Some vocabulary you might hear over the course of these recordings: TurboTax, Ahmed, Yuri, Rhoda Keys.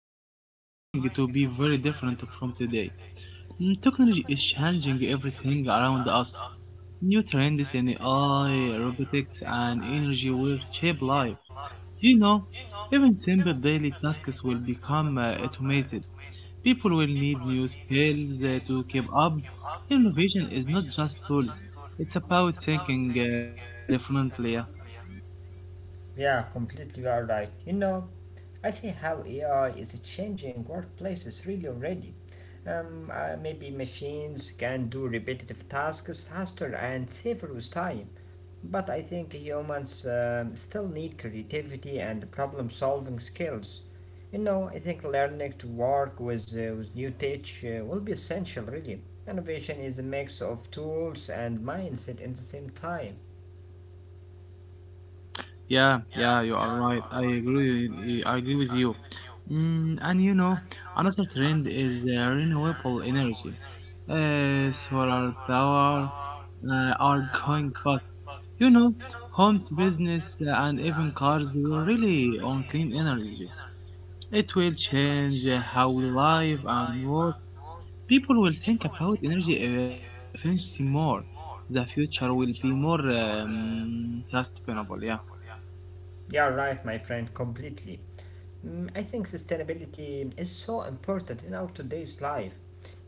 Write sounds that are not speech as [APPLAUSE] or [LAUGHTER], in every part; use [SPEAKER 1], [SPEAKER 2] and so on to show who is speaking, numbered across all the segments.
[SPEAKER 1] future is going to be very different from today. Mm, technology is changing everything around us. New trends in AI, robotics, and energy will shape life. You know, even simple daily tasks will become automated. People will need new skills to keep up. Innovation is not just tools, it's about thinking differently.
[SPEAKER 2] Yeah, completely you are right. I see how AI is changing workplaces really already. Maybe machines can do repetitive tasks faster and safer with time. But I think humans still need creativity and problem solving skills. I think learning to work with new tech will be essential, really. Innovation is a mix of tools and mindset at the same time.
[SPEAKER 1] Yeah, yeah, you are right. I agree. I agree with you. Mm, and you know, another trend is renewable energy. Solar power are going fast. You know, homes, business, and even cars will really on clean energy. It will change how we live and work. People will think about energy efficiency more. The future will be more sustainable. Yeah.
[SPEAKER 2] Yeah, right, my friend, completely. I think sustainability is so important in our today's life.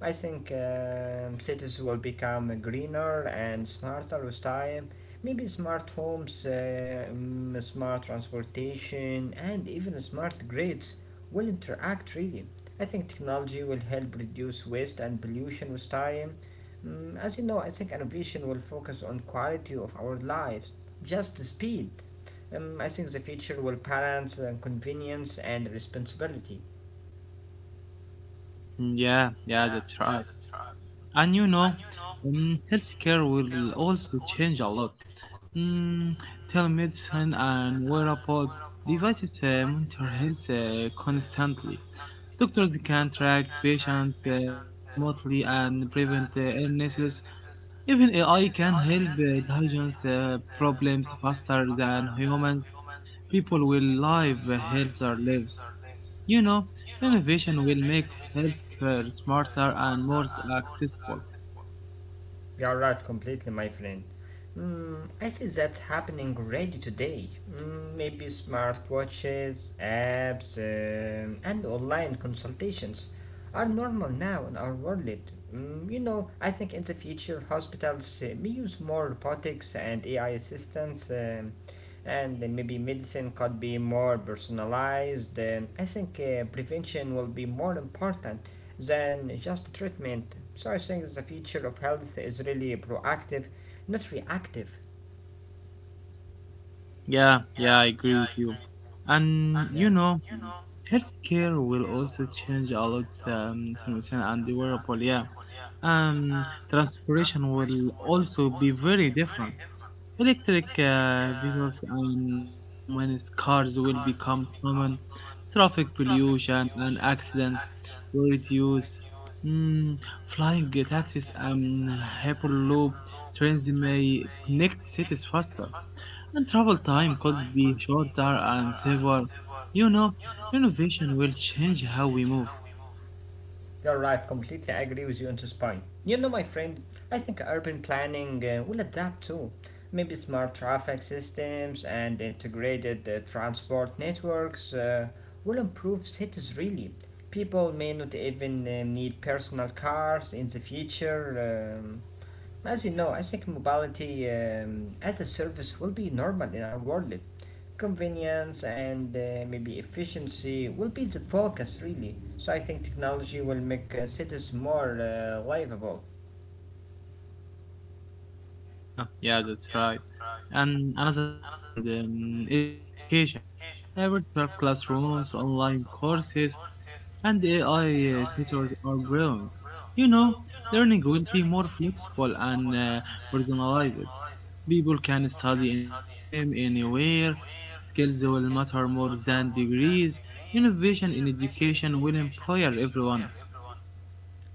[SPEAKER 2] I think cities will become greener and smarter with time. Maybe smart homes, smart transportation, and even smart grids will interact really. I think technology will help reduce waste and pollution with time. As you know, I think innovation will focus on quality of our lives, just speed. I think the future will balance convenience and responsibility.
[SPEAKER 1] Mm, yeah, yeah, that's right. And you know, healthcare will also change a lot. Mm, telemedicine and wearable devices monitor health constantly. Doctors can track patients remotely and prevent illnesses. Even AI can help diagnose problems faster than humans. People will live healthier lives. You know, innovation will make healthcare smarter and more accessible.
[SPEAKER 2] You're right, completely, my friend. I see that's happening already today. Maybe smartwatches, apps, and online consultations are normal now in our world. I think in the future hospitals may use more robotics and AI assistance, and maybe medicine could be more personalized. I think prevention will be more important than just treatment. So I think the future of health is really proactive, not reactive.
[SPEAKER 1] Hmm. Yeah, yeah, I agree with you. And you know, healthcare will also change a lot transmission and the wearable. Yeah, um, transportation will also be very different. Electric vehicles and autonomous cars will become common. Traffic pollution and accidents will reduce. Mm, flying taxis and hyperloop trains may connect cities faster, and travel time could be shorter and safer. You know, innovation will change how we move.
[SPEAKER 2] You're right, completely agree with you on this point. My friend, I think urban planning will adapt too. Maybe smart traffic systems and integrated transport networks will improve cities really. People may not even need personal cars in the future. As you know, I think mobility as a service will be normal in our world. Convenience and maybe efficiency will be the focus, really. So I think technology will make cities more livable.
[SPEAKER 1] Mm, yeah, yeah, that's right. And another trend is in education. Virtual classrooms, online courses, and AI tutors are growing. You know, learning will be more flexible and personalized. People can study anytime, anywhere. Skills will matter more than degrees. Innovation in education will empower everyone.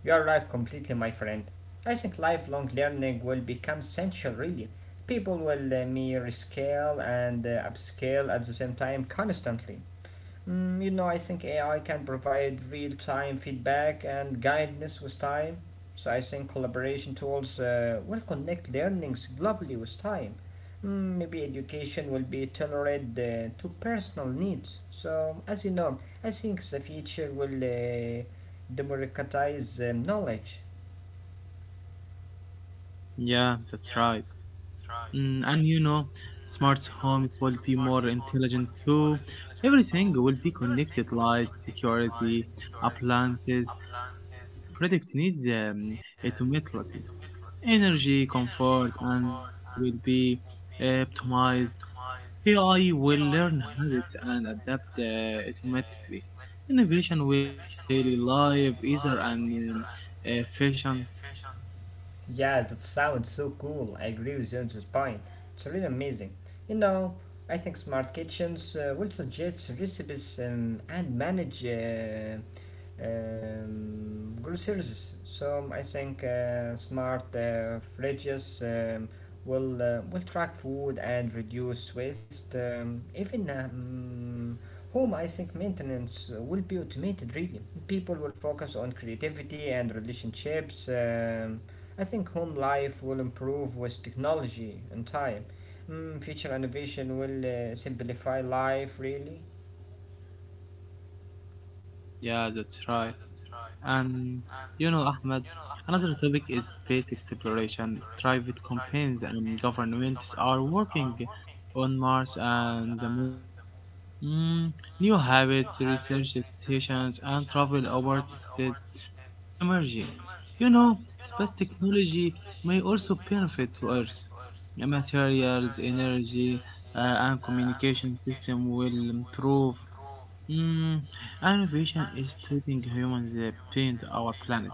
[SPEAKER 2] You are right completely, my friend. I think lifelong learning will become essential, really. People will mirror scale and upscale at the same time constantly. I think AI can provide real time feedback and guidance with time. So I think collaboration tools will connect learnings globally with time. Maybe education will be tailored to personal needs. So, as you know, I think the future will democratize knowledge.
[SPEAKER 1] Yeah, that's right. Mm, and you know, smart homes will be more intelligent too. Everything will be connected: lights, security, appliances. Home will predict needs automatically. Energy, comfort, and safety will be optimized. AI will learn habits and adapt automatically. Innovation will make daily life easier and efficient.
[SPEAKER 2] Yeah, that sounds so cool. I agree with you on this point. It's really amazing. You know, I think smart kitchens will suggest recipes and manage groceries. So I think smart fridges will track food and reduce waste. Even Home, I think maintenance will be automated. Really, people will focus on creativity and relationships. I think home life will improve with technology and time. Future innovation will simplify life. Really.
[SPEAKER 1] Yeah, yeah, that's right. And you know, Ahmed, another topic is space exploration. Private companies and governments are working on Mars and the Moon. Mm, new habits, research stations, and travel opportunities will emerge. You know, space technology may also benefit to Earth. Materials, energy, and communication system will improve. Mm, innovation is taking humans beyond our planet.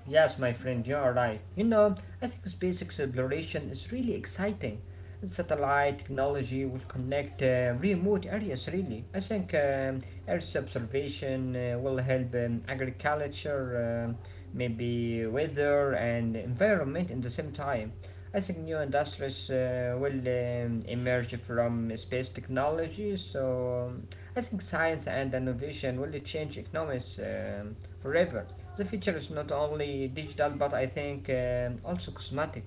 [SPEAKER 2] Yes, my friend, you are right. I think space exploration is really exciting. Satellite technology will connect remote areas, really. I think Earth observation will help agriculture, maybe weather, and environment in the same time. I think new industries will emerge from space technology, so I think science and innovation will change economies forever. The future is not only digital, but I think also cosmetic.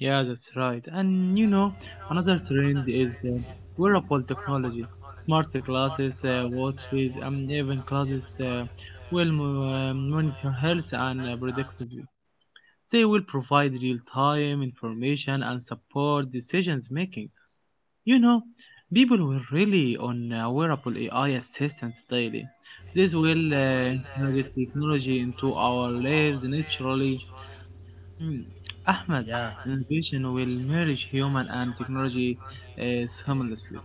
[SPEAKER 1] Yeah, that's right. And you know, another trend is wearable technology. Smart glasses, watches, and even clothes will monitor health and predictively. They will provide real-time information and support decisions making. You know, people will rely on wearable AI assistants daily. This will integrate technology into our lives naturally. Mm, Ahmed,
[SPEAKER 2] Yeah.
[SPEAKER 1] innovation will merge human and technology seamlessly.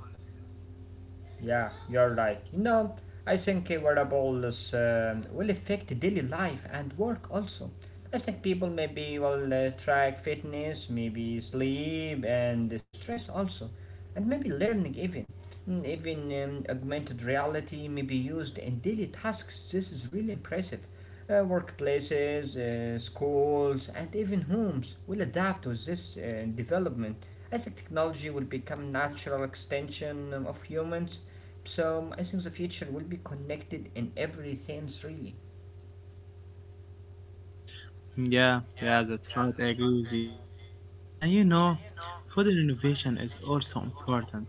[SPEAKER 2] Yeah, you're right. I think wearables will affect daily life and work also. I think people maybe will track fitness, maybe sleep and stress also, and maybe learning even. Augmented reality may be used in daily tasks. This is really impressive. Workplaces, schools, and even homes will adapt to this development. I think technology will become natural extension of humans, so I think the future will be connected in every sense, really.
[SPEAKER 1] Yeah, yeah, that's right. I agree with you. You know, food innovation is also important.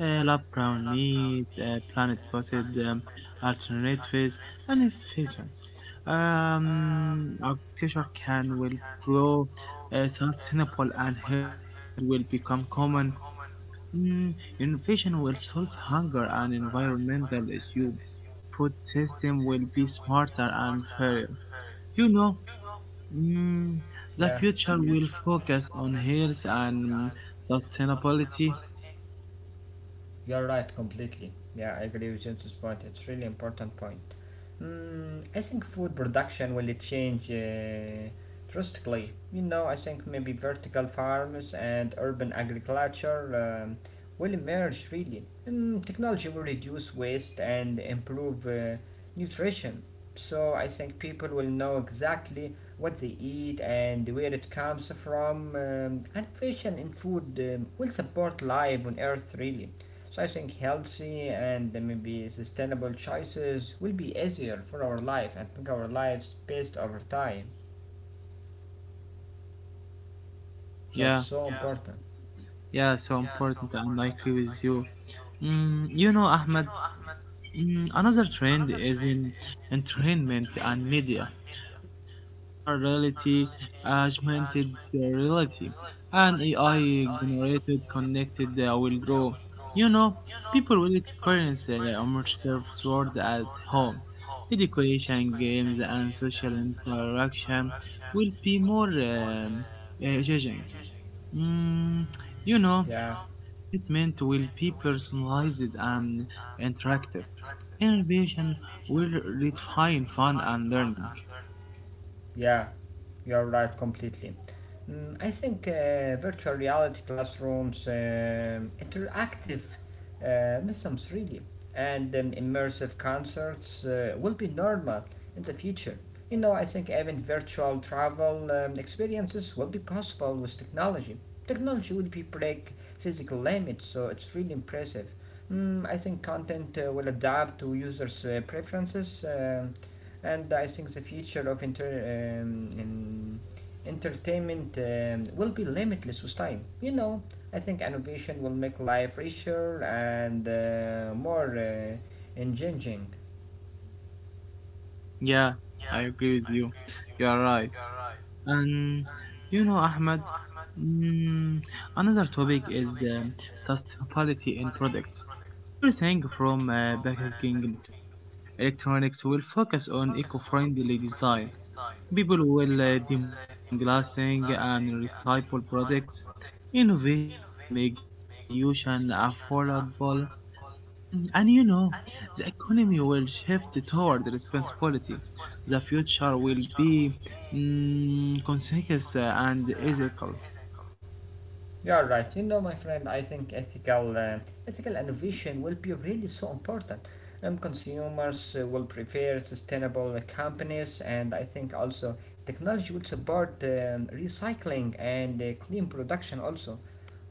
[SPEAKER 1] Lab grown meat, planet potted alternatives, and efficient. Agriculture can will grow. Sustainable and healthy food will become common. Mm, innovation will solve hunger and environmental issue. Food system will be smarter and fairer. You know. Mm, the
[SPEAKER 2] Yeah.
[SPEAKER 1] future will focus on health and mm, sustainability.
[SPEAKER 2] You're right completely. Yeah, I agree with James's point. It's really important point. I think food production will change drastically. I think maybe vertical farms and urban agriculture will emerge really. Technology will reduce waste and improve nutrition. So I think people will know exactly what they eat and where it comes from. Innovation in food will support life on Earth really. So I think healthy and maybe sustainable choices will be easier for our life and make our lives best over time. So it's
[SPEAKER 1] Yeah,
[SPEAKER 2] so important.
[SPEAKER 1] yeah, so important, and I agree with you. Mm, you know, Ahmed, mm, another trend is in entertainment and media. Virtual reality, augmented reality, and AI generated connected will grow. You know, people will experience immersive world at home. Education, games, and social interaction will be more engaging. Mm, you know,
[SPEAKER 2] Yeah.
[SPEAKER 1] entertainment will be personalized and interactive. Innovation will redefine fun and learning.
[SPEAKER 2] Yeah. You're right completely. I think virtual reality classrooms, interactive missions really, and immersive concerts will be normal in the future. I think even virtual travel experiences will be possible with technology. Technology will be break physical limits, so it's really impressive. I think content will adapt to users' preferences. And I think the future of entertainment will be limitless with time. I think innovation will make life richer and more engaging.
[SPEAKER 1] Yeah, I agree with you. You are right. And you know, Ahmed, mm, another topic is sustainability in products. Everything from packaging to electronics will focus on eco-friendly design. People will demand long-lasting and reliable products. Innovation will make green solutions affordable. Mm, and you know, the economy will shift toward responsibility. The future will be mm, conscious and ethical.
[SPEAKER 2] You are right. My friend, I think ethical innovation will be really so important. Consumers will prefer sustainable companies, and I think also technology will support recycling and clean production also.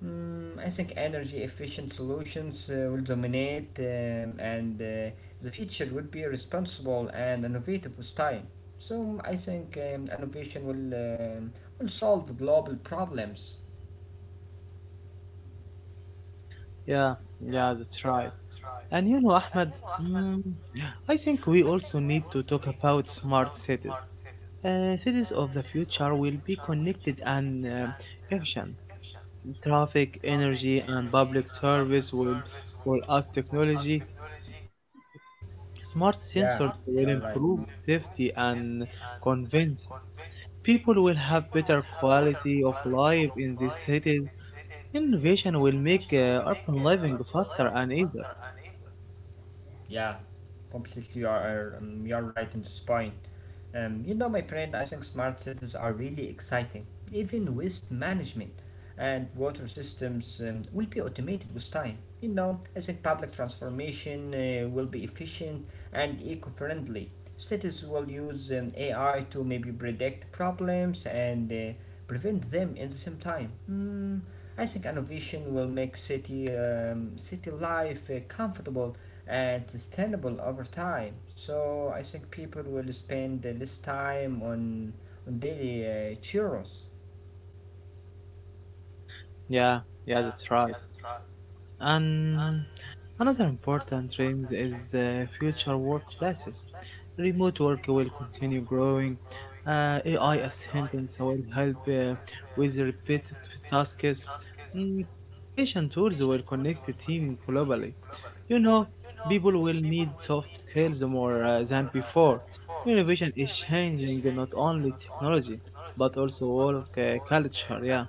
[SPEAKER 2] I think energy efficient solutions will dominate, and the future will be responsible and innovative with time. So I think um, innovation will um, will solve global problems.
[SPEAKER 1] Yeah, yeah, that's right. And you know, Ahmed, mm, I think we also need to talk about smart cities. Cities of the future will be connected and efficient. Traffic, energy, and public service will add technology. Smart
[SPEAKER 2] Yeah,
[SPEAKER 1] sensors will
[SPEAKER 2] you're right.
[SPEAKER 1] improve safety and convince people will have better quality of life in these cities. Innovation will make urban living faster and easier.
[SPEAKER 2] Yeah, completely. You're right on this point. My friend, I think smart cities are really exciting. Even waste management and water systems will be automated with time. I think public transformation will be efficient and eco-friendly. Cities will use AI to maybe predict problems and prevent them in the same time. I think innovation will make city life comfortable and sustainable over time. So I think people will spend less time on daily churros.
[SPEAKER 1] Yeah, yeah, that's right. And another important trend is future workplaces. Remote work will continue growing. AI assistants will help with repetitive tasks. Mm, collaboration tools will connect the team globally. You know, people will need soft skills more than before. Innovation is changing not only technology but also work culture. Yeah.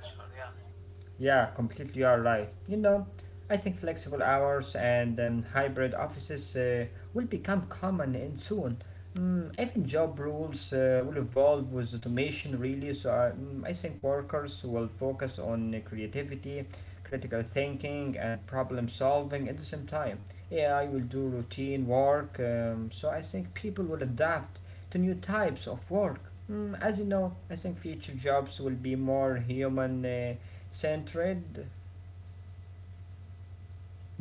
[SPEAKER 2] Yeah, completely you are right. I think flexible hours and hybrid offices will become common in soon. Even job rules will evolve with automation, really. So I think workers will focus on creativity, critical thinking, and problem solving at the same time. AI will do routine work, so I think people will adapt to new types of work. As you know, I think future jobs will be more human. Centred.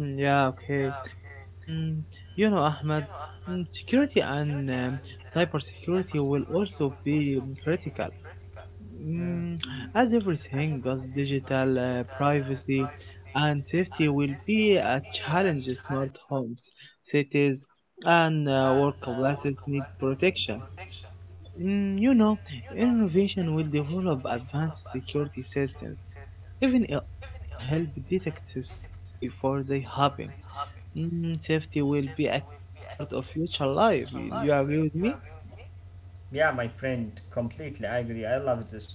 [SPEAKER 1] Mm, yeah, okay. Um, you know, Ahmed, mm, security and cybersecurity will also be mm, critical.
[SPEAKER 2] Yeah.
[SPEAKER 1] Mm, as everything goes digital, privacy and safety will be a challenge. Smart homes, cities, and workplaces need protection. Mm, you know, innovation will develop advanced security systems, even AI will help detect threats before they happen. Mm, safety will be a key part of future life. You agree with me?
[SPEAKER 2] Yeah, my friend. Completely. I agree. I love this.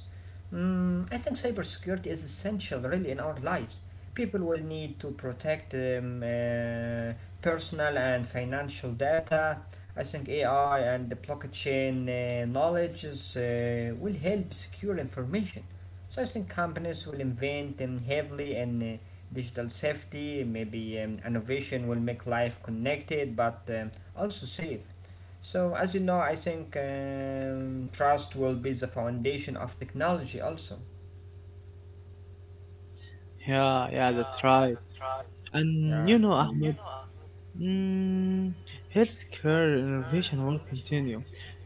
[SPEAKER 2] I think cybersecurity is essential, really, in our lives. People will need to protect personal and financial data. I think AI and the blockchain knowledge will help secure information. So I think companies will invent heavily in digital safety. Maybe innovation will make life connected, but also safe. So, as you know, I think trust will be the foundation of technology, also.
[SPEAKER 1] Yeah, yeah, that's right. And
[SPEAKER 2] Yeah,
[SPEAKER 1] you know, Ahmed, mm, healthcare innovation will continue.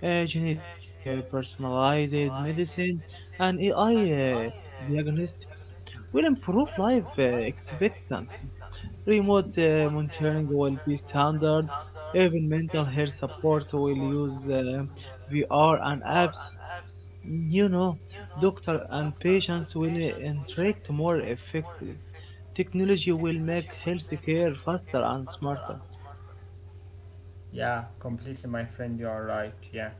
[SPEAKER 1] Gene editing, personalized medicine, and AI diagnostics will improve life expectancy. Remote monitoring will be standard. Even mental health support will use VR and apps. You know, doctor and patients will interact more effectively. Technology will make healthcare faster and smarter.
[SPEAKER 2] yeah, completely, my friend, you are right. Yeah.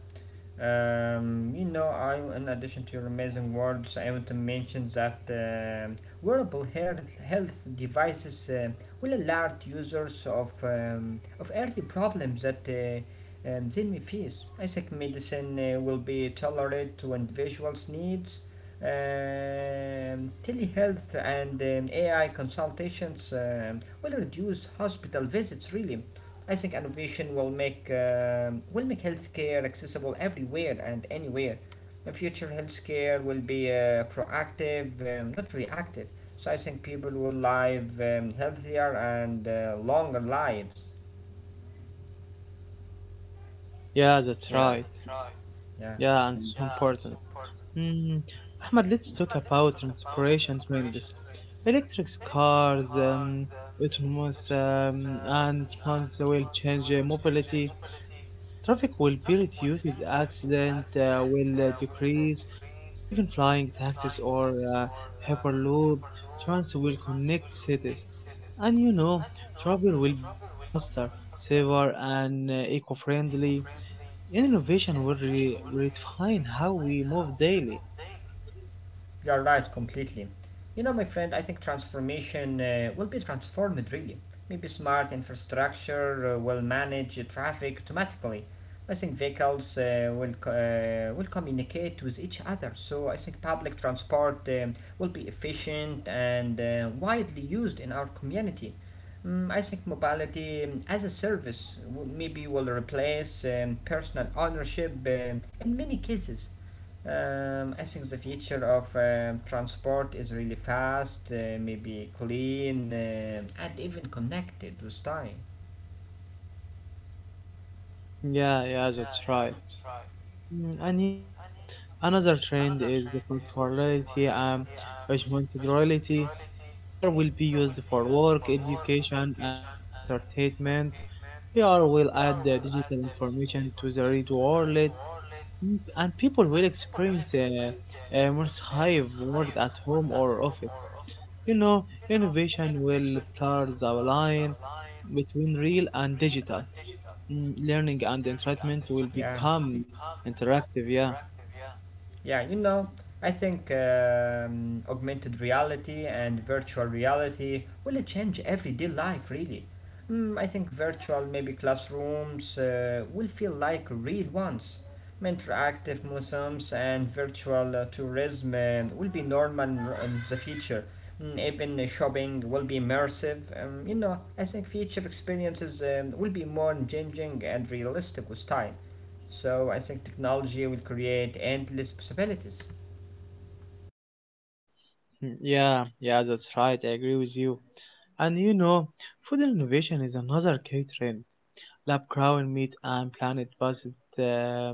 [SPEAKER 2] I, in addition to your amazing words, I want to mention that health devices will alert users of early problems that they may face. I think medicine will be tailored to individuals' needs. Telehealth and AI consultations will reduce hospital visits, really. I think innovation will make healthcare accessible everywhere and anywhere. The future healthcare will be proactive, not reactive. So I think people will live healthier and longer lives.
[SPEAKER 1] Yeah, that's
[SPEAKER 2] So,
[SPEAKER 1] right.
[SPEAKER 2] yeah.
[SPEAKER 1] Yeah, and so important. Mm. Ahmad, let's talk about transportation trends. Electric cars, autonomous, and trans will change mobility. Traffic will be reduced, accident will decrease, even flying taxis or uh, hyperloop trains will connect cities. And you know, travel will become faster, safer, and eco-friendly. Innovation will redefine how we move daily.
[SPEAKER 2] You're right, completely. My friend, I think transformation will be transformed really. Maybe smart infrastructure will manage traffic automatically. I think vehicles will communicate with each other. So I think public transport will be efficient and widely used in our community. I think mobility as a service maybe will replace personal ownership in many cases. I think the future of transport is really fast, maybe clean, and even connected with time.
[SPEAKER 1] Yeah, yeah, that's right. Mm, and you know, another trend is the corporality and responsibility. VR will be used for work, education, and entertainment. VR will add the digital information to the real world, mm, and people will experience a immersive world at home or office. You know, innovation will blur the line between real and digital. Mm, learning and entertainment will
[SPEAKER 2] Yeah.
[SPEAKER 1] become interactive, yeah.
[SPEAKER 2] Yeah, you know, I think augmented reality and virtual reality will change everyday life really. I think virtual, maybe classrooms, will feel like real ones. Interactive museums and virtual tourism will be normal in the future. Even shopping will be immersive. I think future experiences will be more engaging and realistic with time. So I think technology will create endless possibilities.
[SPEAKER 1] Mm, yeah, yeah, that's right. I agree with you. And you know, food innovation is another key trend. Lab grown meat and planet based uh,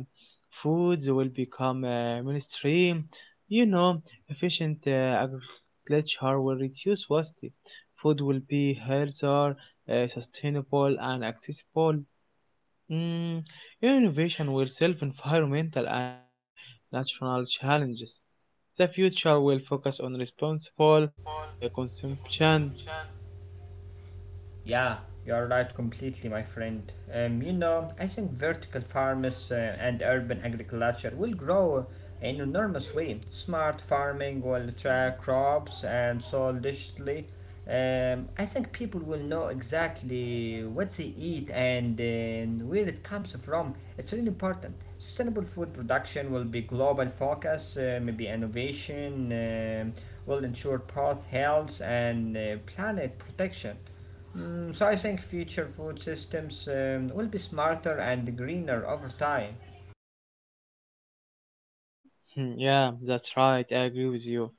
[SPEAKER 1] foods will become mainstream. You know, efficient agriculture will reduce waste. Food will be healthier, sustainable, and accessible. Mm, innovation will solve environmental and natural challenges. The future will focus on responsible consumption.
[SPEAKER 2] Yeah, you're right completely, my friend. I think vertical farms and urban agriculture will grow in enormous way. Smart farming will track crops and soil digitally. I think people will know exactly what they eat and where it comes from. It's really important. Sustainable food production will be global focus, maybe innovation will ensure both health and planet protection. So I think future food systems, will be smarter and greener over time.
[SPEAKER 1] Hmm, yeah, that's right. I agree with you.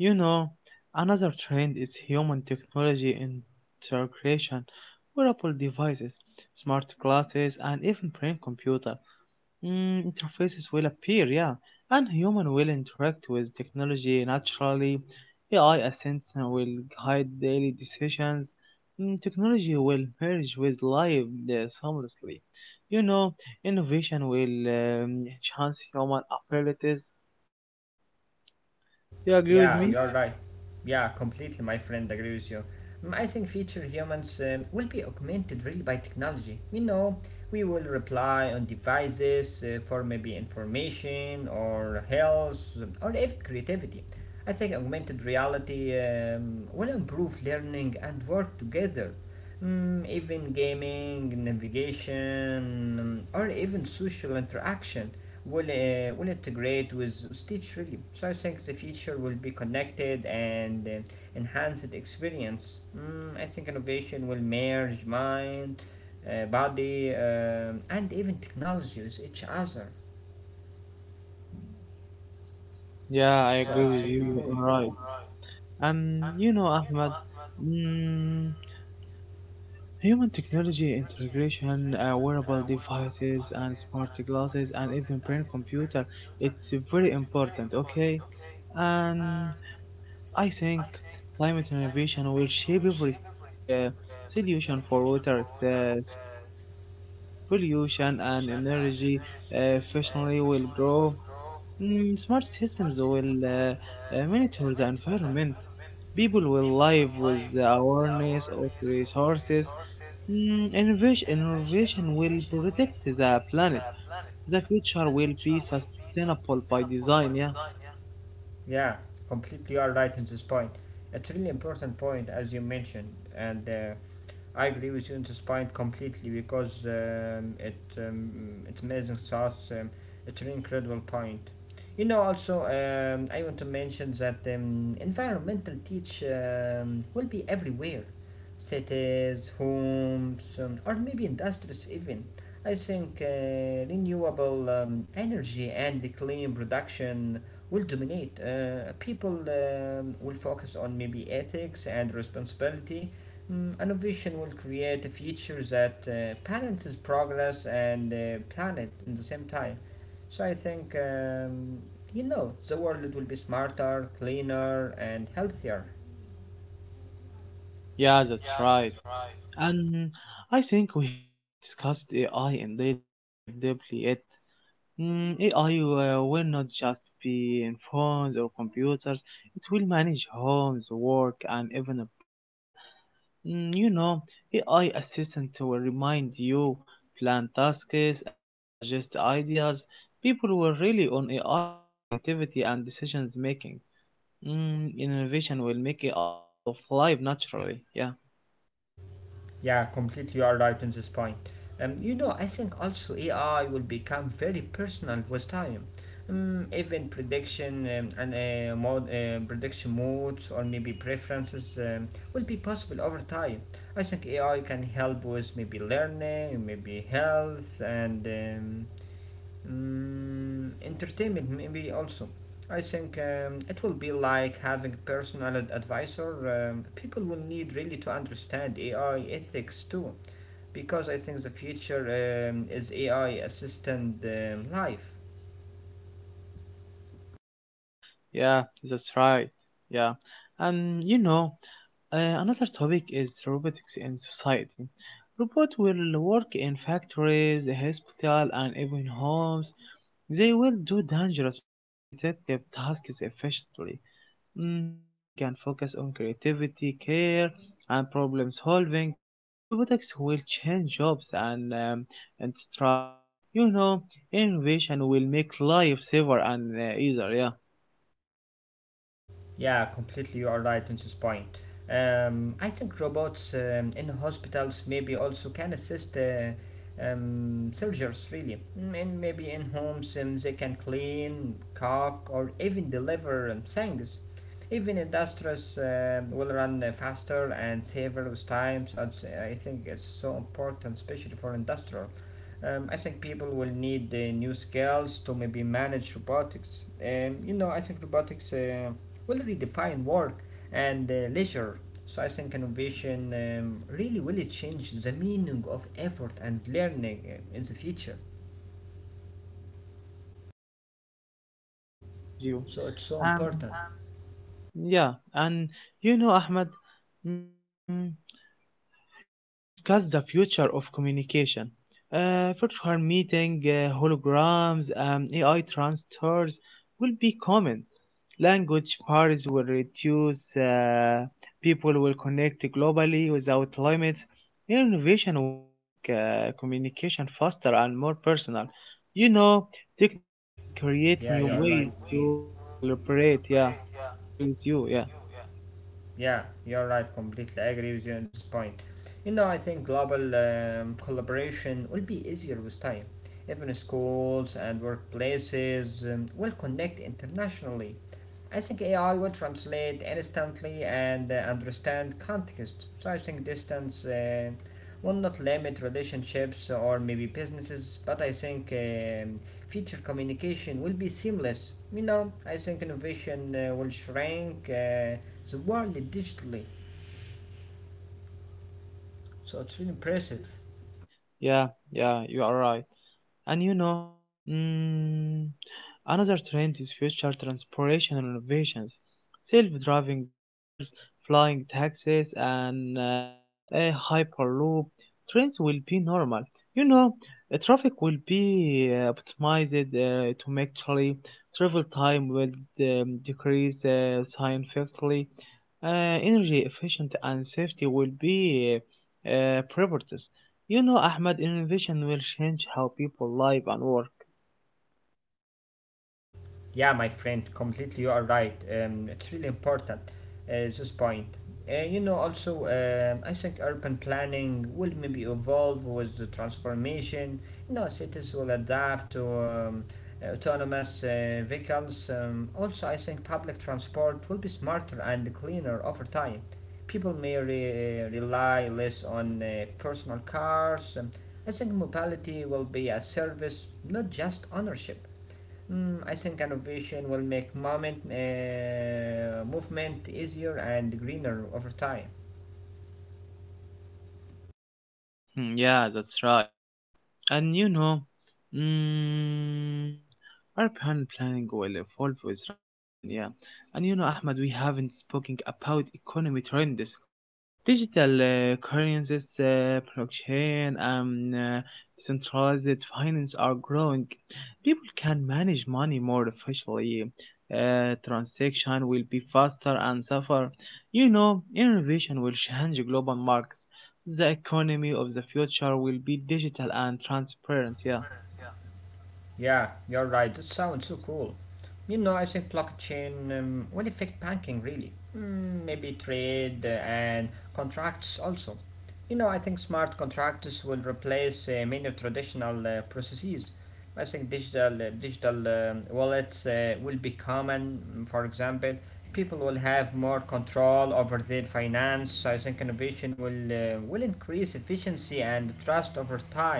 [SPEAKER 1] You know, another trend is human technology integration: wearable devices, smart glasses, and even brain computer. Mm, interfaces will appear, yeah, and human will interact with technology naturally. AI assistants will guide daily decisions. Mm, technology will merge with life seamlessly. You know, innovation will enhance human abilities. You agree with
[SPEAKER 2] Yeah,
[SPEAKER 1] me?
[SPEAKER 2] you're right. Yeah, completely, my friend, agree with you. I think future humans will be augmented really by technology. You know, we will rely on devices, for maybe information or health or even creativity. I think augmented reality will improve learning and work together. Even gaming, navigation, or even social interaction will, will integrate with Stitch really. So I think the future will be connected and, enhanced experience. I think innovation will merge mind, body, and even technology with each other.
[SPEAKER 1] Yeah, I agree with you. You are right. You know, Ahmed. Mm, human technology integration, wearable devices, and smart glasses, and even brain computer, it's very important, okay? And I think climate innovation will shape everything, solution for water scarcity, pollution, and energy efficiently will grow. Mm, smart systems will monitor the environment. People will live with the awareness of resources. Mm, innovation will protect the planet. The future will be sustainable by design. Yeah,
[SPEAKER 2] Yeah, completely you are right in this point. It's really important point as you mentioned, and, I agree with you in this point completely because it, it's amazing sauce. It's an incredible point. You know, also, I want to mention that, environmental teach will be everywhere, cities, homes, or maybe industries even. I think, renewable, energy and the clean production will dominate. People will focus on maybe ethics and responsibility. Innovation will create a future that, balances progress and, planet in the same time. So I think, the world will be smarter, cleaner, and healthier.
[SPEAKER 1] yeah, that's right. And I think we haven't discussed AI in daily life deeply yet. Mm, AI will not just be in phones or computers. It will manage homes, work, and even a personal. Mm, you know, AI assistant will remind you, plan tasks, and suggest ideas. People were really on AI for creativity and decisions making. Mm, innovation will make AI part of life naturally. Yeah,
[SPEAKER 2] Yeah, completely you are right on this point. You know, I think also AI will become very personal with time. Even prediction, and prediction modes or maybe preferences will be possible over time. I think AI can help with maybe learning, maybe health, and, entertainment maybe also. I think it will be like having personal advisor. People will need really to understand AI ethics too, because I think the future is AI assistant life.
[SPEAKER 1] yeah, that's right. Yeah, and you know, another topic is robotics in society. Robots will work in factories, hospitals, and even homes. They will do dangerous or repetitive tasks efficiently. Mm, humans can focus on creativity, care, and problem solving. Robotics will change jobs and strides. You know, innovation will make life safer and easier. Yeah,
[SPEAKER 2] Yeah, completely. You are right in this point. I think robots in hospitals maybe also can assist, soldiers really. And maybe in homes they can clean, cook, or even deliver things. Even industries will run, faster and safer with time. So it's, I think it's so important, especially for industrial. I think people will need, new skills to maybe manage robotics. You know, I think robotics will redefine work and, leisure. So I think innovation, really will change the meaning of effort and learning, in the future.
[SPEAKER 1] [LAUGHS] yeah, yeah. I agree with you.
[SPEAKER 2] So it's so
[SPEAKER 1] Um,
[SPEAKER 2] important.
[SPEAKER 1] yeah, and you know, Ahmed. Mm, let's discuss the future of communication. Virtual meeting, holograms, AI transfers will be common. Language barriers will reduce. People will connect globally without limits. Innovation will make communication faster and more personal. You know, technology will create
[SPEAKER 2] Yeah,
[SPEAKER 1] new
[SPEAKER 2] you're
[SPEAKER 1] ways
[SPEAKER 2] right.
[SPEAKER 1] to collaborate. Yeah, yeah, I agree with you. Yeah,
[SPEAKER 2] Yeah, you're right. Completely agree with you on this point. You know, I think global collaboration will be easier with time. Even schools and workplaces will connect internationally. I think AI will translate instantly and, understand context, so I think distance, will not limit relationships or maybe businesses, but I think future communication will be seamless. You know, I think innovation, will shrink the world digitally, so it's really impressive.
[SPEAKER 1] yeah, yeah, you are right. And you know, mm, another trend is future transportation innovations: self-driving cars, flying taxis, and a hyperloop. Trains will be normal. You know, traffic will be optimized to make actually travel time will decrease significantly. Energy efficient and safety will be priorities. You know, Ahmed, innovation will change how people live and work.
[SPEAKER 2] Yeah, my friend, completely you are right. It's really important, this point. You know, also, I think urban planning will maybe evolve with the transformation. You know, cities will adapt to, autonomous, vehicles. Also, I think public transport will be smarter and cleaner over time. People may rely less on, personal cars. I think mobility will be a service, not just ownership. I think innovation will make movement easier and greener over time.
[SPEAKER 1] Hmm. Yeah, that's right. And you know, mm, urban planning will evolve with transpiration, yeah. And you know, Ahmed, we haven't spoken about economy trends. Digital currencies, blockchain, and decentralized finance are growing. People can manage money more efficiently. Transaction will be faster and safer. You know, innovation will change global markets. The economy of the future will be digital and transparent. Yeah,
[SPEAKER 2] Yeah, you're right. That sounds so cool. You know, I think blockchain will affect banking really. Maybe trade and contracts also. You know, I think smart contracts will replace, many traditional, processes. I think digital wallets, will be common. For example, people will have more control over their finance. I think innovation will increase efficiency and trust over time.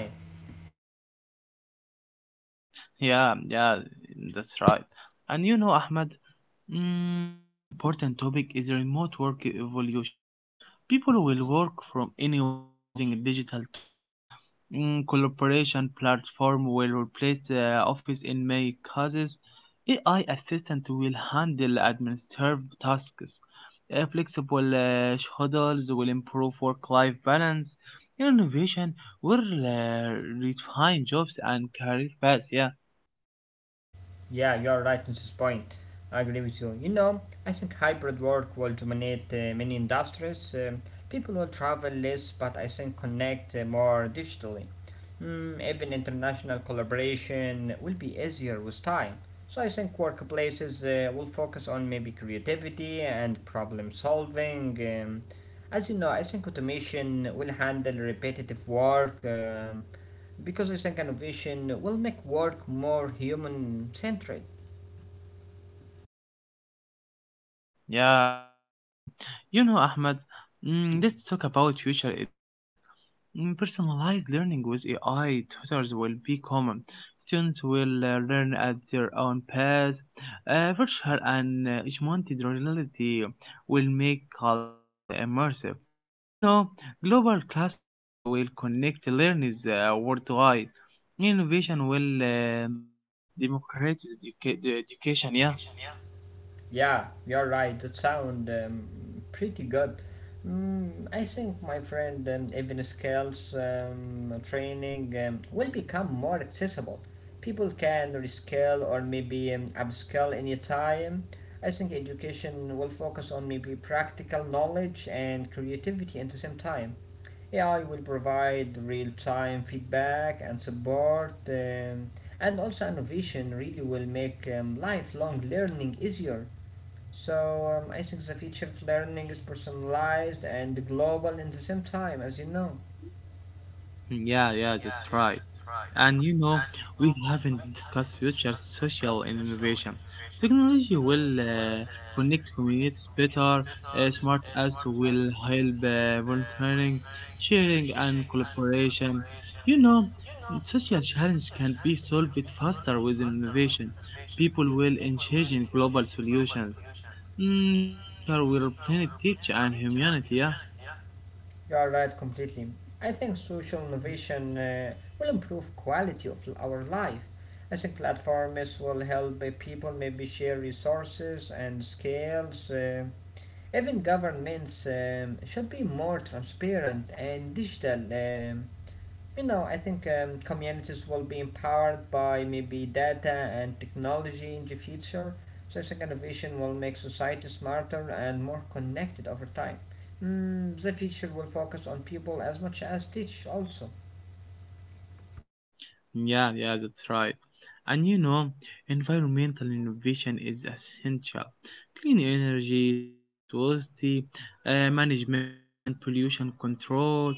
[SPEAKER 1] yeah, yeah. That's right. And you know, Ahmed. Another important topic is remote work evolution. People will work from anywhere using digital tools. Collaboration platform will replace the office in many cases. AI assistant will handle administrative tasks. Flexible schedules will improve work-life balance. Innovation will redefine jobs and career paths. Yeah.
[SPEAKER 2] Yeah, you're right in this point. I agree with you. You know, I think hybrid work will dominate, many industries. People will travel less, but I think connect, more digitally. Even international collaboration will be easier with time. So I think workplaces, will focus on maybe creativity and problem solving. As you know, I think automation will handle repetitive work. Because I think innovation will make work more human centred.
[SPEAKER 1] Yeah, I agree with you. You know, Ahmed, let's talk about future education. Personalized learning with AI tutors will be common. Students will learn at their own pace. Virtual and augmented reality will make a lesson immersive. You know, global classrooms will connect learners worldwide. Innovation will democratize education. Yeah,
[SPEAKER 2] Yeah, you're right, that sounds pretty good. I think, my friend, even skills, training, will become more accessible. People can rescale or maybe upscale anytime. I think education will focus on maybe practical knowledge and creativity at the same time. AI will provide real time feedback and support, and also innovation really will make lifelong learning easier. So, I think the future of learning is personalized and global in the same time, as you know.
[SPEAKER 1] yeah, yeah. That's right. And you know, we haven't discussed future social innovation. Technology will connect communities better. Smart apps will help volunteering, sharing, and collaboration. You know, social challenge can be solved faster with innovation. People will engage in global solutions. The future will planet teach and humanity. Yeah.
[SPEAKER 2] You are right completely. I think social innovation, will improve quality of our life. I think platforms will help, people maybe share resources and skills. Even governments should be more transparent and digital. You know, I think communities will be empowered by maybe data and technology in the future. So, such an innovation will make society smarter and more connected over time. The future will focus on people as much as teach also.
[SPEAKER 1] Yeah, yeah, that's right. And you know, environmental innovation is essential. Clean energy, smart waste management, and pollution control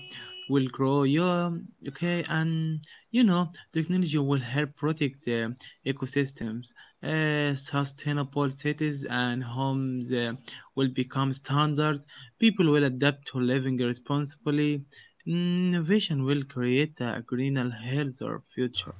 [SPEAKER 1] will grow. Yeah, okay, and you know, technology will help protect the ecosystems. Sustainable cities and homes will become standard. People will adapt to living responsibly. Innovation will create a greener, healthier future.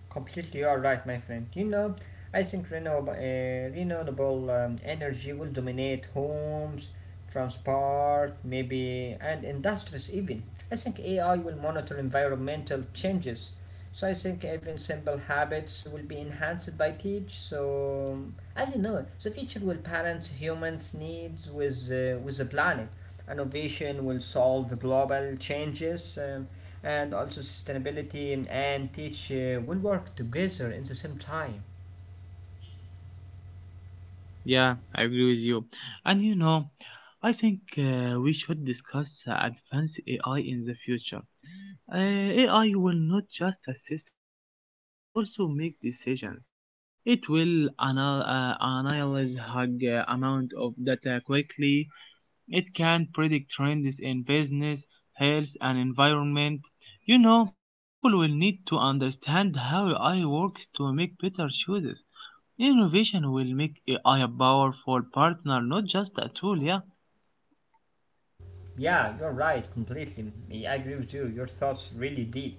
[SPEAKER 2] Completely, all right, my friend. You know, I think renewable energy will dominate homes, transport, maybe, and industries even. I think AI will monitor environmental changes, so I think even simple habits will be enhanced by teach. So as you know, the future will balance humans' needs with, with the planet. Innovation will solve global changes, and also sustainability and teach, will work together in the same time.
[SPEAKER 1] Yeah, I agree with you. And you know, I think we should discuss advanced AI in the future. AI will not just assist humans but also make decisions. It will analyze hug amount of data quickly. It can predict trends in business, health, and environment. You know, people will need to understand how AI works to make better choices. Innovation will make AI a powerful partner, not just a tool, yeah.
[SPEAKER 2] Yeah, you're right, completely. I agree with you. Your thoughts really deep.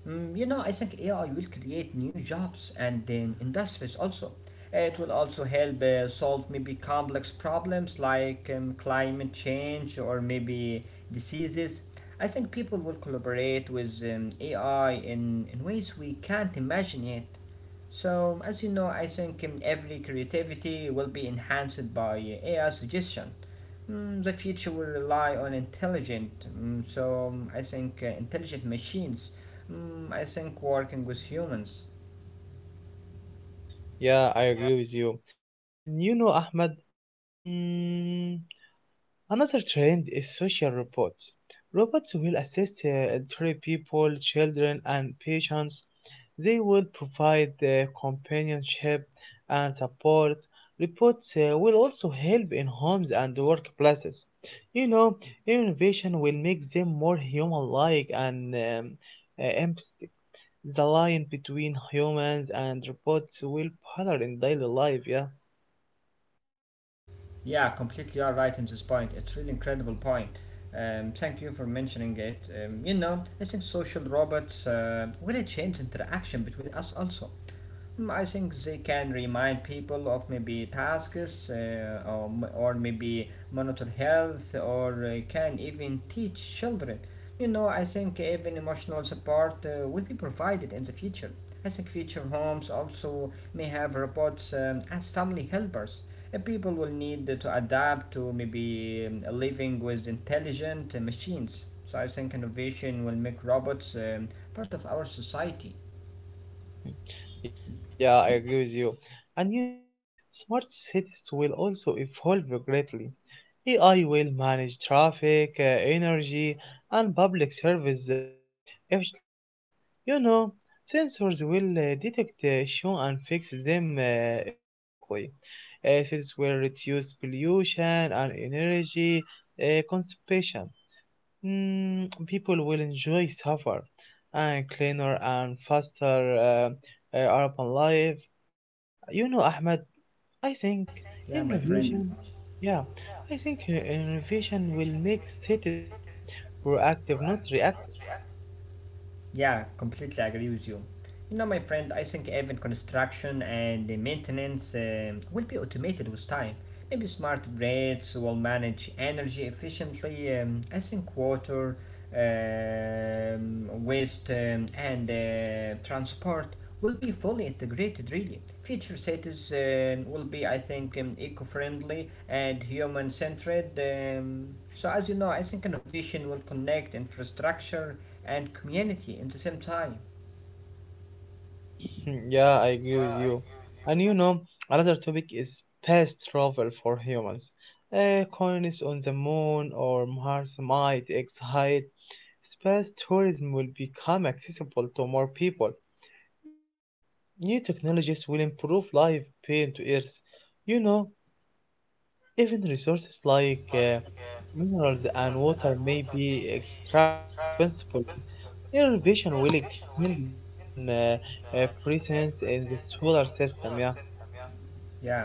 [SPEAKER 2] You know, I think AI will create new jobs and then industries also. It will also help, solve maybe complex problems like, climate change or maybe diseases. I think people will collaborate with, AI in ways we can't imagine yet. So, as you know, I think every creativity will be enhanced by, AI suggestion. The future will rely on intelligent, I think, intelligent machines. I think working with humans.
[SPEAKER 1] Yeah, I agree with you. And you know, Ahmed, mm, another trend is social robots. Robots will assist elderly people, children, and patients. They will provide companionship and support. Robots will also help in homes and workplaces. You know, innovation will make them more human-like and empathetic. The line between humans and robots will blur in daily life. Yeah.
[SPEAKER 2] Yeah, completely are right in this point. It's really incredible point. Thank you for mentioning it. You know, I think social robots, will change interaction between us also. I think they can remind people of maybe tasks, or or maybe monitor health or, can even teach children. You know, I think even emotional support, will be provided in the future. I think future homes also may have robots as family helpers. And people will need to adapt to maybe, living with intelligent, machines. So I think innovation will make robots part of our society.
[SPEAKER 1] Yeah, yeah, I agree with you. And you know, smart cities will also evolve greatly. AI will manage traffic, energy, and public service efficiently. You know, sensors will detect issues and fix them automatically. Cities will reduce pollution and energy consumption. People will enjoy safer and cleaner and faster urban life. You know, Ahmed, I think
[SPEAKER 2] Yeah, my friend.
[SPEAKER 1] innovation, yeah, I think innovation will make cities proactive, not reactive.
[SPEAKER 2] Yeah, completely agree with you. You know, my friend, I think even construction and the maintenance will be automated with time. Maybe smart grids will manage energy efficiently. I think water, waste, and, transport will be fully integrated, really. Future cities will be, I think, eco friendly and human centered. So, as you know, I think innovation will connect infrastructure and community in the same time.
[SPEAKER 1] Hmm, yeah, I agree with you. And you know, another topic is space travel for humans. Colonies on the moon or Mars might excite. Space tourism will become accessible to more people. New technologies will improve life beyond Earth. You know, even resources like minerals and water may be extracted responsibly. Innovation will extend human presence in the solar system. Yeah.
[SPEAKER 2] Yeah,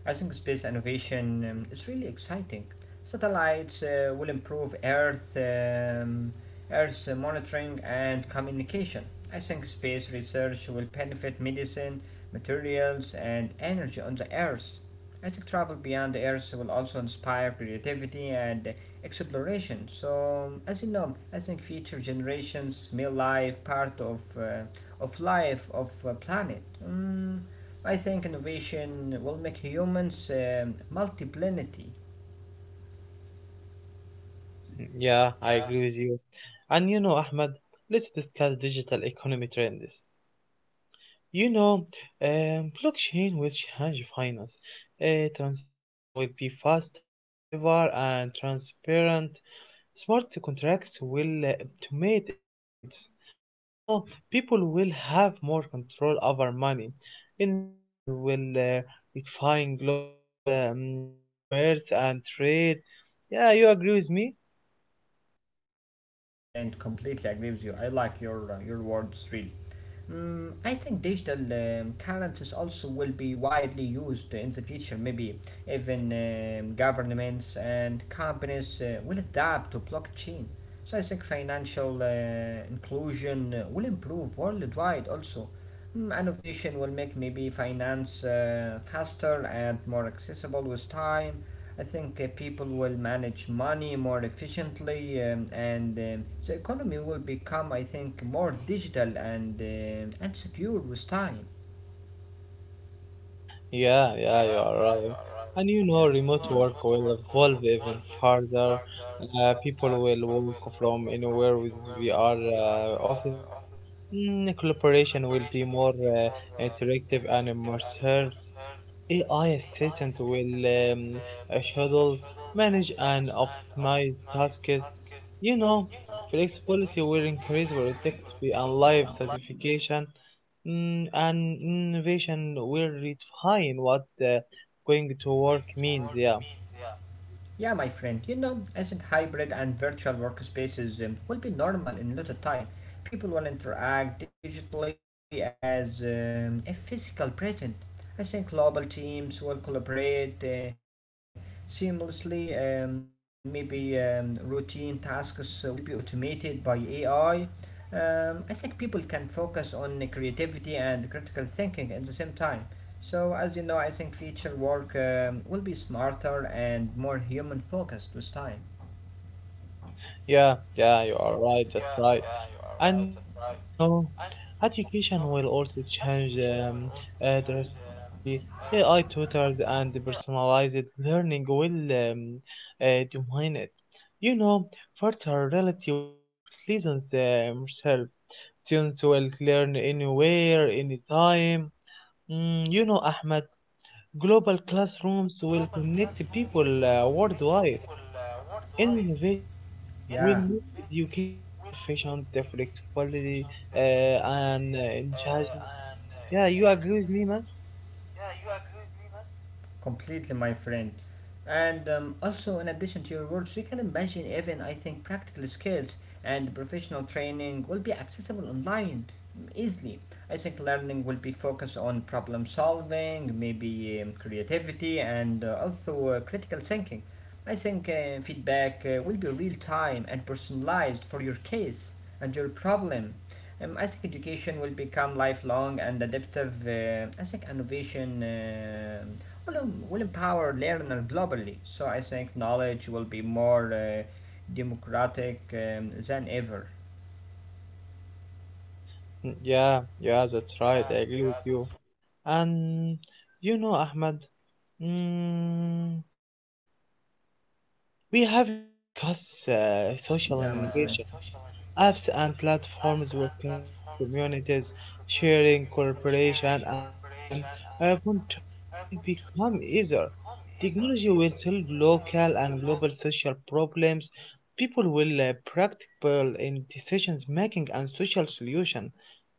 [SPEAKER 2] I think space innovation is really exciting. Satellites, will improve Earth, Earth monitoring and communication. I think space research will benefit medicine, materials, and energy on the Earth. I think travel beyond the Earth will also inspire creativity and, exploration. So, as you know, I think future generations may live part of, of life of, planet. I think innovation will make humans multiplenity.
[SPEAKER 1] [LAUGHS] Yeah, I agree with you. And you know, Ahmed, let's discuss digital economy trends. You know, blockchain will change finance. A transaction will be faster, safer, and transparent. Smart contracts will automate agreements. You know, people will have more control over money. Innovation will redefine global commerce and trade. Yeah, you agree with me?
[SPEAKER 2] Yeah, my friend, completely agree with you. I like your, your words really. I think digital currencies also will be widely used in the future. Maybe even governments and companies, will adapt to blockchain. So I think financial, inclusion, will improve worldwide also. Innovation will make maybe finance, faster and more accessible with time. I think, people will manage money more efficiently, and the economy will become, I think, more digital and secure with time.
[SPEAKER 1] Yeah, yeah, you are right. And you know,
[SPEAKER 2] Yeah.
[SPEAKER 1] remote work will evolve even further. People will work from anywhere with VR offices. Collaboration will be more interactive and immersive. AI assistant will um, schedule, manage, and optimize tasks. You know, flexibility will increase productivity and life satisfaction, and innovation will redefine what going to work means. Yeah,
[SPEAKER 2] Yeah, my friend, you know, I think hybrid and virtual workspaces will be normal in little time. People will interact digitally as, a physical present. I think global teams will collaborate, seamlessly. Maybe routine tasks, will be automated by AI. I think people can focus on creativity and critical thinking at the same time. So, as you know, I think future work will be smarter and more human focused with time.
[SPEAKER 1] yeah, yeah, you are right. That's right. And you know, education will also change drastically. AI tutors and personalized learning will define it. You know, virtual reality will make lessons self. Students will learn anywhere, anytime. You know, Ahmed, global classrooms will connect people worldwide. And innovation
[SPEAKER 2] Yeah.
[SPEAKER 1] will make education efficient, flexibility, and engaging. Yeah, you agree with me, man?
[SPEAKER 2] Completely, my friend. And also, in addition to your words, we can imagine even, I think, practical skills and professional training will be accessible online easily. I think learning will be focused on problem solving, maybe creativity, and also critical thinking. I think feedback will be real time and personalized for your case and your problem. I think education will become lifelong and adaptive. I think innovation will empower learners globally. So I think knowledge will be more democratic than ever.
[SPEAKER 1] Mm. Yeah, yeah, that's right. I agree with you. And you know, Ahmed, mm, we haven't discussed
[SPEAKER 2] Yeah.
[SPEAKER 1] social innovation. Apps and platforms will connect communities, sharing cooperation, and urban turning will become easier. Technology will solve local and global social problems. People will practical in decisions making and social solution.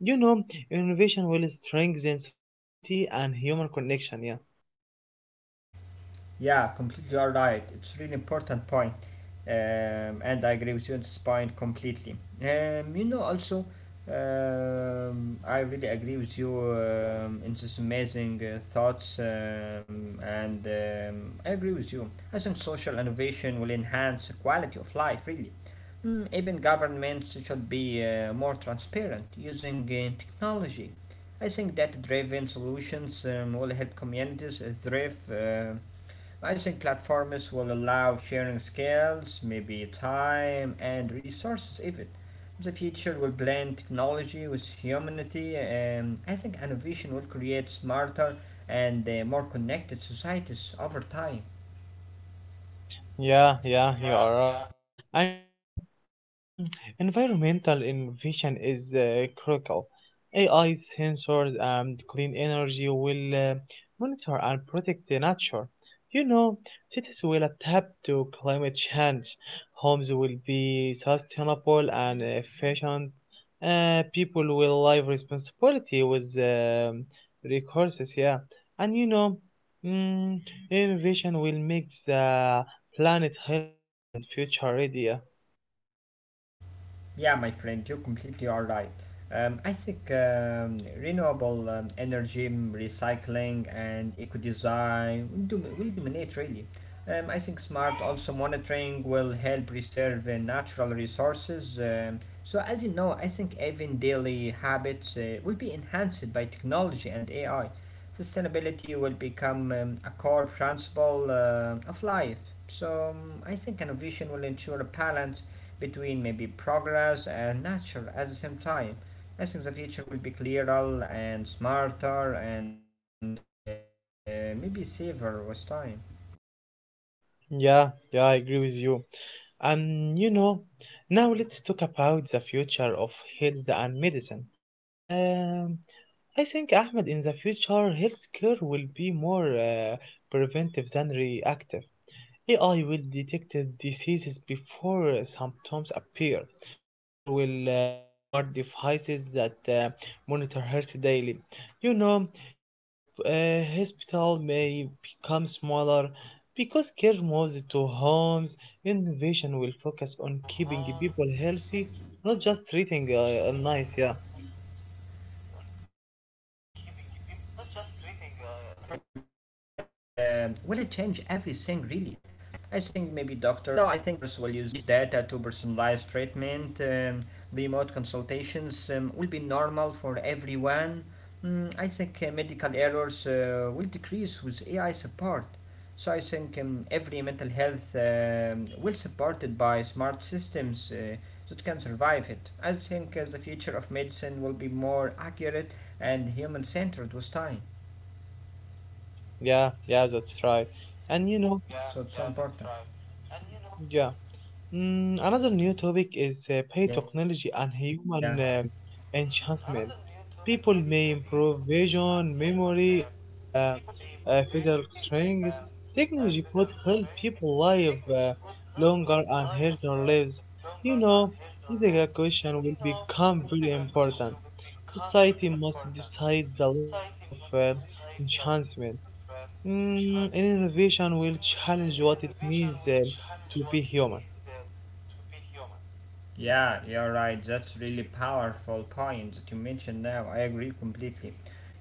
[SPEAKER 1] You know, innovation will strengthen society and human connection. Yeah.
[SPEAKER 2] Yeah, completely all right. It's really important point, um, and I agree with you on this point completely. You know, also, I really agree with you in this amazing thoughts, and I agree with you. I think social innovation will enhance the quality of life, really. Mm, even governments should be more transparent using technology. I think that driven solutions will help communities thrive. I think platforms will allow sharing skills, maybe time and resources even. The future will blend technology with humanity, and I think innovation will create smarter and more connected societies over time.
[SPEAKER 1] Yeah, yeah, you are right. And you know, mm, environmental innovation is critical. AI sensors and clean energy will monitor and protect the nature. You know, cities will adapt to climate change. Homes will be sustainable and efficient. People will live responsibility with resources, yeah. And you know, mm, innovation will make the planet healthier and future ready. Yeah,
[SPEAKER 2] Yeah, my friend, you completely are right. I think renewable energy, mm, recycling, and eco design will dominate really. I think smart also monitoring will help preserve natural resources. So, as you know, I think even daily habits will be enhanced by technology and AI sustainability will become a core principle of life. So I think innovation will ensure a balance between maybe progress and nature at the same time. I think the future will be clearer and smarter and maybe safer with time.
[SPEAKER 1] yeah, yeah, I agree with you. And you know, now let's talk about the future of health and medicine. Um, I think Ahmed, in the future, healthcare will be more preventive than reactive. AI will detect diseases before symptoms appear. People will wear smart devices that monitor health daily. You know, hospital may become smaller because care moves to homes. Innovation will focus on keeping people healthy, not just treating illness. Yeah,
[SPEAKER 2] You're right. You know, I think digital health will it change everything really. I think maybe doctors will use data to personalize treatment. Remote consultations will be normal for everyone. Mm, I think medical errors will decrease with AI support. So I think every mental health will supported by smart systems that can survive it. I think the future of medicine will be more accurate and human centered with time.
[SPEAKER 1] yeah, yeah. That's right. And you know,
[SPEAKER 2] So it's important.
[SPEAKER 1] yeah, another new topic is
[SPEAKER 2] Yeah.
[SPEAKER 1] pay technology and human enhancement. People may improve vision, memory, or physical strength. Technology could help people live longer and healthier lives. You know, ethical question will become very important. Society must decide the limits of enhancement. Innovation will challenge what it means to be human.
[SPEAKER 2] Yeah, you're right. That's really powerful point that you mentioned now. I agree completely.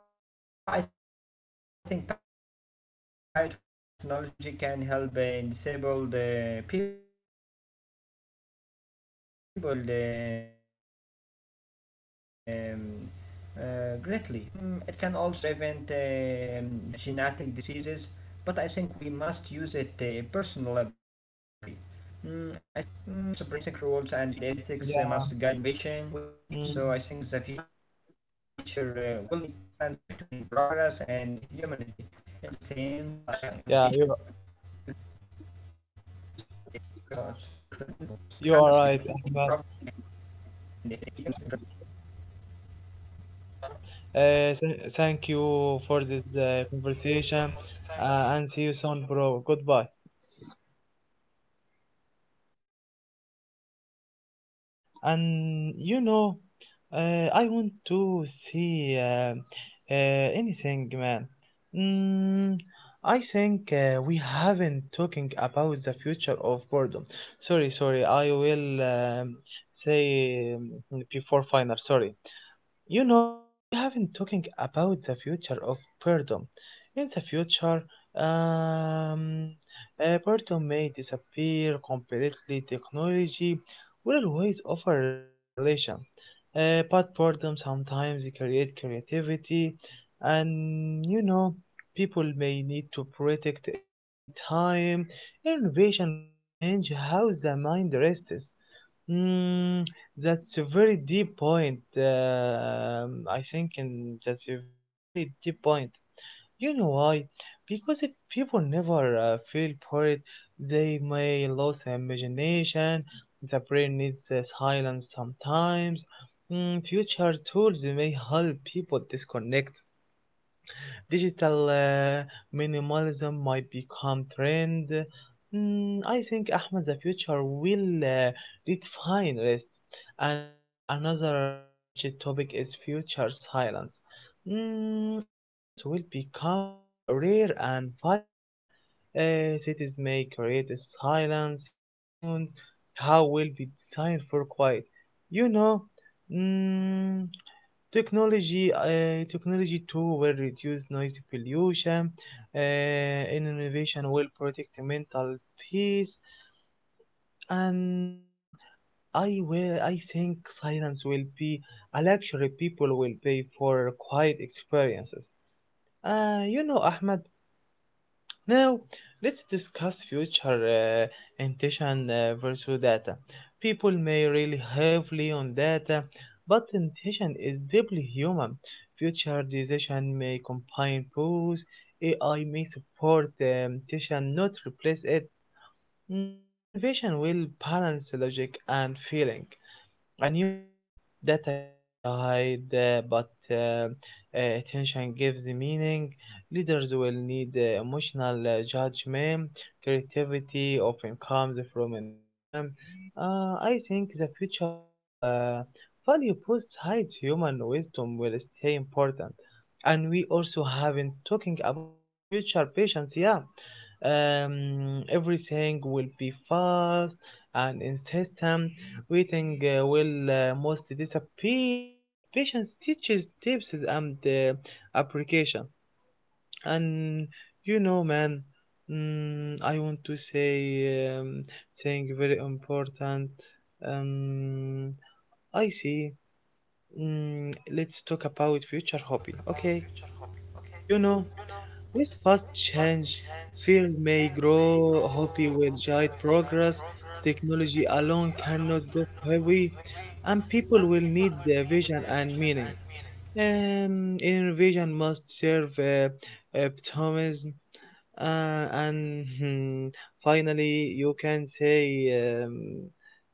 [SPEAKER 2] You know, I think biotechnology can help disabled people greatly. Mm, it can also prevent genetic diseases, but I think we must use it personally. Mm, I think rules and ethics must guide innovation, so I think the future will need balance between progress and humanity at the same time.
[SPEAKER 1] Yeah, mm,
[SPEAKER 2] So it's incredible.
[SPEAKER 1] yeah, you are right, Ahmad. Yeah. Thank you for this conversation, and see you soon, bro. Goodbye. And you know, I want to see anything, man. Mm, I think we haven't talking about the future of boredom. Sorry, sorry. I will say before final. Sorry. You know, we have been talking about the future of boredom. In the future, um, boredom may disappear completely. Technology will always offer stimulation, but boredom sometimes create creativity, and you know, people may need to protect empty time. Innovation could change how the mind rests. Mm, that's a very deep point. I think, and a very deep point. You know why? Because if people never feel bored, they may lose their imagination. The brain needs silence sometimes. Mm, future tools may help people disconnect. Digital minimalism might become trend. Mm, I think Ahmed, the future will redefine rest. And another untouched topic is future silence. Mm, silence will become rare and valuable. Cities may create a silence zones. How will be designed for quiet? You know, mm, technology too will reduce noise pollution, uh, and innovation will protect mental peace, and I think silence will be a luxury people will pay for quiet experiences. You know, Ahmed. Now, let's discuss future intention versus data. People may rely heavily on data, but intention is deeply human. Future decision may combine both. AI may support the intention, not replace it. Mm, innovation will balance logic and feeling and you know that I can hide, but attention gives meaning. Leaders will need emotional judgment. Creativity often comes from intention. I think the future will value both sides. Human wisdom will stay important, and we also haven't talking about the future patients. Yeah, everything will be fast and insistent. Waiting will most disappear, but patience teaches tips and application. And you know, man, I want to say thing very important. Um, I see. Mm, let's talk about future hobby. Okay, you know. With fast change, fear may grow, hope will guide progress, technology alone cannot go heavy, and people will need the vision and meaning. Innovation must serve optimism, and hmm, finally, you can say um,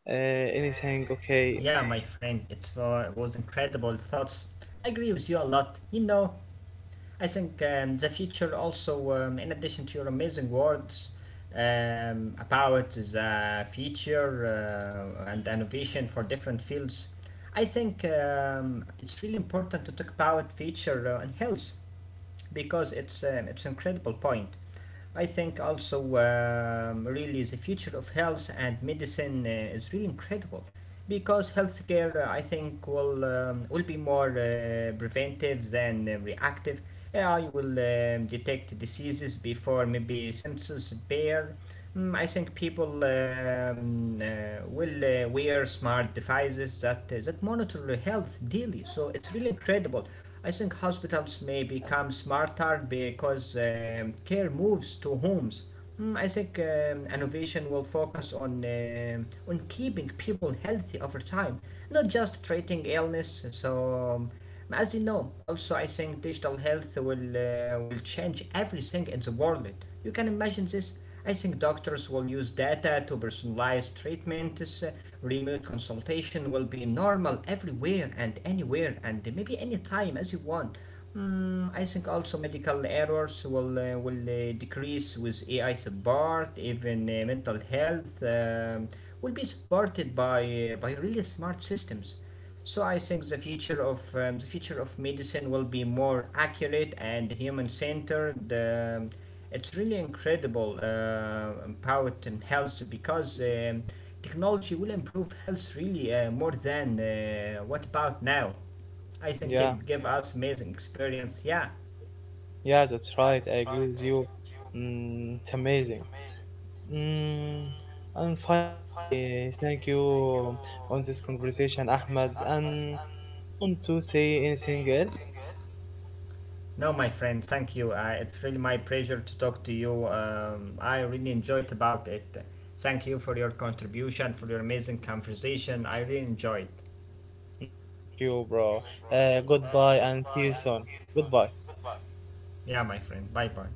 [SPEAKER 1] uh, anything. Okay,
[SPEAKER 2] Yeah, my friend, it's wa- was incredible thoughts. I agree with you a lot. You know, I think the future also, in addition to your amazing words about the future and innovation for different fields, I think it's really important to talk about future and health because it's an incredible point. I think also really the future of health and medicine is really incredible because healthcare I think will be more preventive than reactive. AI will detect diseases before maybe symptoms appear. Mm, I think people will wear smart devices that monitor their health daily. So it's really incredible. I think hospitals may become smarter because care moves to homes. Mm, I think innovation will focus on keeping people healthy over time, not just treating illness. So. Um, but as you know, also I think digital health will change everything in the world. You can imagine this. I think doctors will use data to personalize treatments. Remote consultation will be normal everywhere and anywhere and maybe anytime as you want. Mm, I think also medical errors will decrease with AI support. Even mental health will be supported by by really smart systems. So I think the future of medicine will be more accurate and human centered. It's really incredible about health because technology will improve health really more than what about now. I think
[SPEAKER 1] yeah,
[SPEAKER 2] it gave us amazing experience. Yeah.
[SPEAKER 1] yeah, that's right. I agree with you. Mm, it's amazing. Mm, and finally, thank you on this conversation, Ahmed. And do you want to say anything else?
[SPEAKER 2] No, my friend, thank you. It's really my pleasure to talk to you. I really enjoyed about it. Thank you for your contribution, for your amazing conversation. I really enjoyed.
[SPEAKER 1] Mm, thank you, bro. Goodbye and see you soon. Goodbye.
[SPEAKER 2] Yeah, my friend. Bye bye.